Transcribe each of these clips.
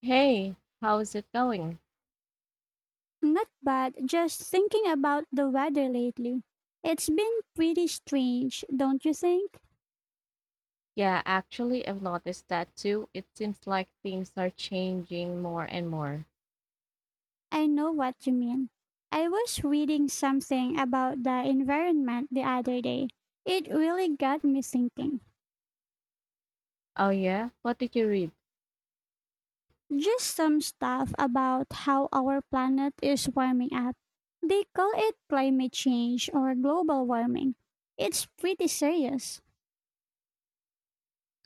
Hey, how's it going? Not bad. Just thinking about the weather lately. It's been pretty strange, don't you think? Yeah, actually, I've noticed that too. It seems like things are changing more and more. I know what you mean. I was reading something about the environment the other day. It really got me thinking. Oh yeah, what did you read? Just some stuff about how our planet is warming up. They call it climate change or global warming. It's pretty serious.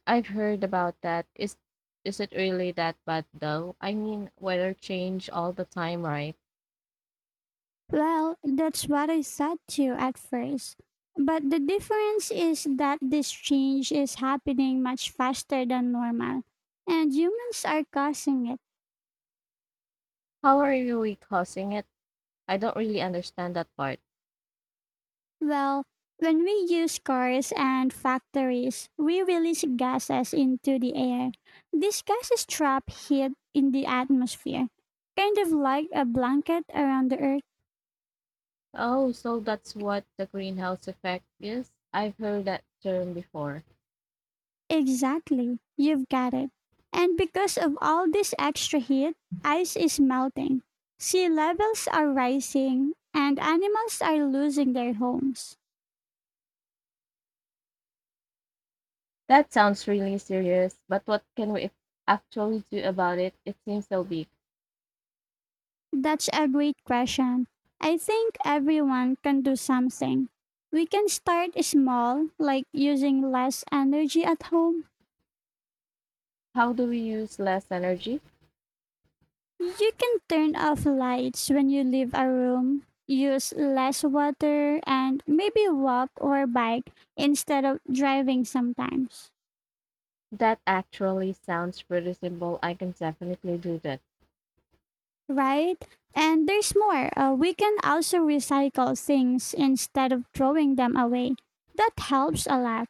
I've heard about that. Is it really that bad though? I mean, weather change all the time, right? Well, that's what I said to you at first. But the difference is that this change is happening much faster than normal, and humans are causing it. How are you causing it? I don't really understand that part. Well, when we use cars and factories, we release gases into the air. These gases trap heat in the atmosphere, kind of like a blanket around the earth. Oh, so that's what the greenhouse effect is? I've heard that term before. Exactly. You've got it. And because of all this extra heat, ice is melting. Sea levels are rising and animals are losing their homes. That sounds really serious, but what can we actually do about it? It seems so big. That's a great question. I think everyone can do something. We can start small, like using less energy at home. How do we use less energy? You can turn off lights when you leave a room, use less water, and maybe walk or bike instead of driving sometimes, That actually sounds pretty simple. I can definitely do that. right? And there's more. We can also recycle things instead of throwing them away. That helps a lot.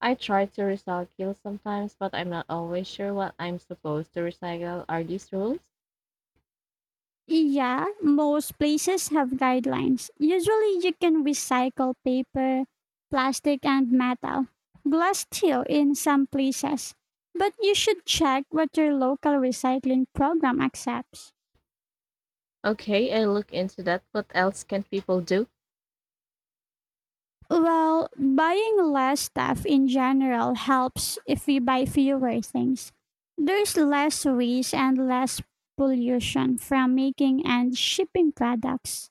I try to recycle sometimes, but I'm not always sure what I'm supposed to recycle. Are these rules? Yeah, most places have guidelines. Usually, you can recycle paper, plastic, and metal. Glass too in some places. But you should check what your local recycling program accepts. Okay, I look into that. What else can people do? Well, buying less stuff in general helps if we buy fewer things. There's less waste and less pollution from making and shipping products.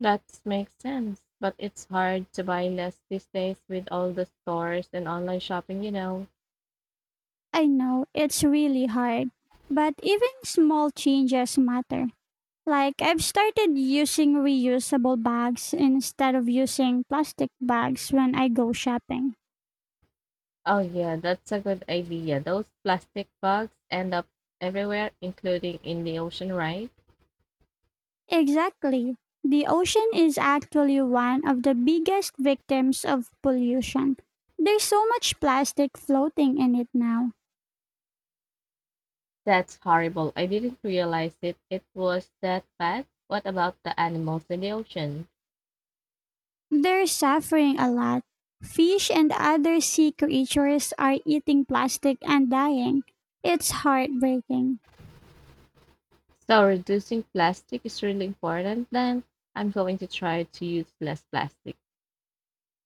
That makes sense. But it's hard to buy less these days with all the stores and online shopping. I know it's really hard, but even small changes matter. Like I've started using reusable bags instead of using plastic bags when I go shopping. Oh, yeah, that's a good idea. Those plastic bags end up everywhere, including in the ocean, right? Exactly. The ocean is actually one of the biggest victims of pollution. There's so much plastic floating in it now. That's horrible. I didn't realize it. It was that bad. What about the animals in the ocean? They're suffering a lot. Fish and other sea creatures are eating plastic and dying. It's heartbreaking. So reducing plastic is really important then. I'm going to try to use less plastic.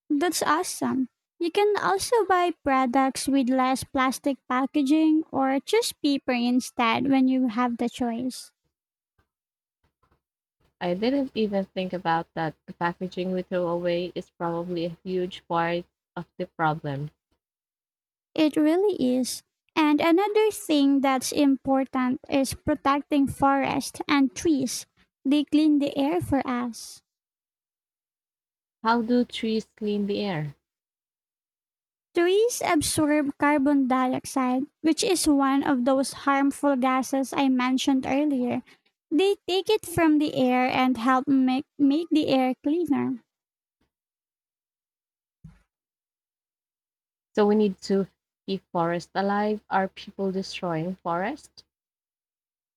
That's awesome. You can also buy products with less plastic packaging or choose paper instead when you have the choice. I didn't even think about that. The packaging we throw away is probably a huge part of the problem. It really is. And another thing that's important is protecting forests and trees. They clean the air for us. How do trees clean the air? Trees absorb carbon dioxide, which is one of those harmful gases I mentioned earlier. They take it from the air and help make the air cleaner. So we need to keep forests alive. Are people destroying forests?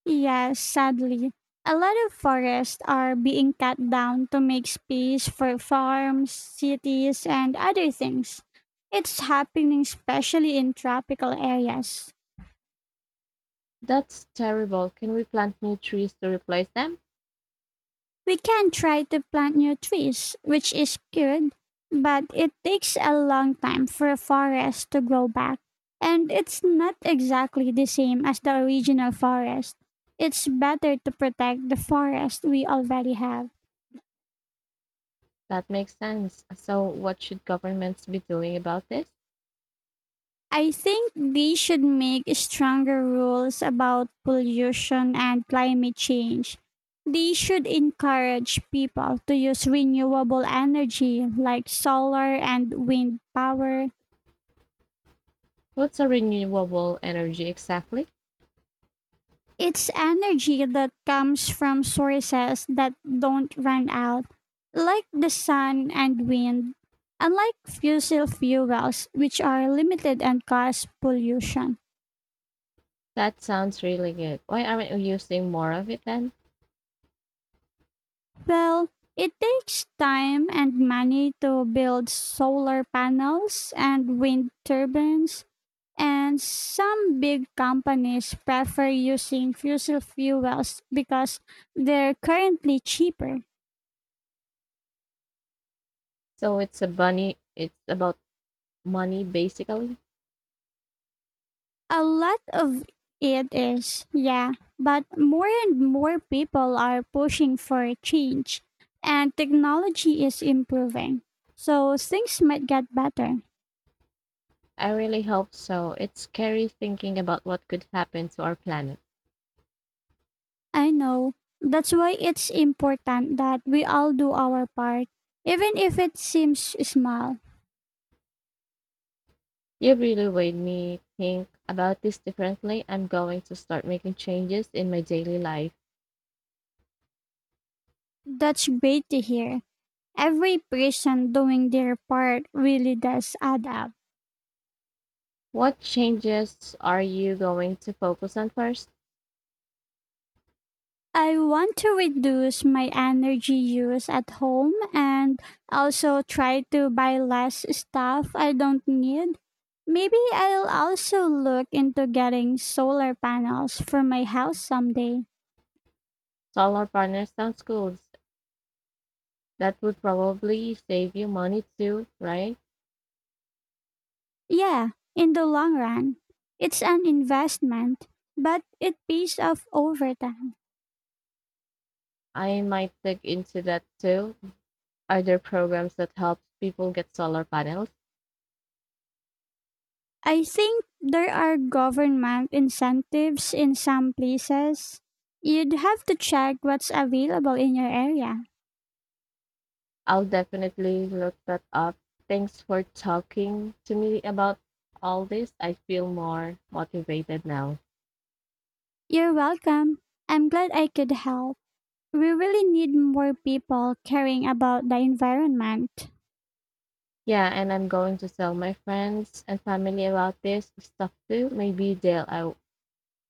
Yes, sadly. A lot of forests are being cut down to make space for farms, cities, and other things. It's happening especially in tropical areas. That's terrible. Can we plant new trees to replace them? We can try to plant new trees, which is good, but it takes a long time for a forest to grow back. And it's not exactly the same as the original forest. It's better to protect the forest we already have. That makes sense. So, what should governments be doing about this? I think they should make stronger rules about pollution and climate change. They should encourage people to use renewable energy like solar and wind power. What's a renewable energy exactly? It's energy that comes from sources that don't run out, like the sun and wind, unlike fossil fuels, which are limited and cause pollution. That sounds really good. Why aren't we using more of it then? Well, it takes time and money to build solar panels and wind turbines, and some big companies prefer using fossil fuels because they're currently cheaper. So it's a bunny. It's about money basically. A lot of it is, yeah, but more and more people are pushing for a change, and technology is improving, so things might get better. I really hope so. It's scary thinking about what could happen to our planet. I know. That's why it's important that we all do our part, even if it seems small. You really made me think about this differently. I'm going to start making changes in my daily life. That's great to hear. Every person doing their part really does add up. What changes are you going to focus on first? I want to reduce my energy use at home and also try to buy less stuff I don't need. Maybe I'll also look into getting solar panels for my house someday. Solar panels sounds cool. That would probably save you money too, right? Yeah, in the long run, it's an investment, but it pays off over time. I might look into that too. Are there programs that help people get solar panels? I think there are government incentives in some places. You'd have to check what's available in your area. I'll definitely look that up. Thanks for talking to me about all this. I feel more motivated now. You're welcome. I'm glad I could help. We really need more people caring about the environment. Yeah, and I'm going to tell my friends and family about this stuff too. Maybe they'll I,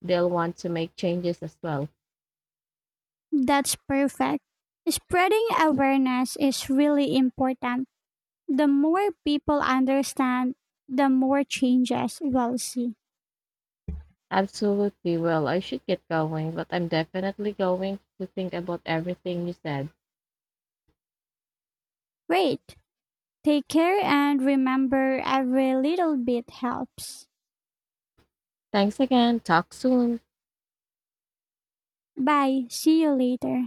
they'll want to make changes as well. That's perfect. Spreading awareness is really important. The more people understand, the more changes we'll see. Absolutely. Well, I should get going, but I'm definitely going to think about everything you said. Wait, take care and remember every little bit helps. Thanks again. Talk soon. Bye, see you later.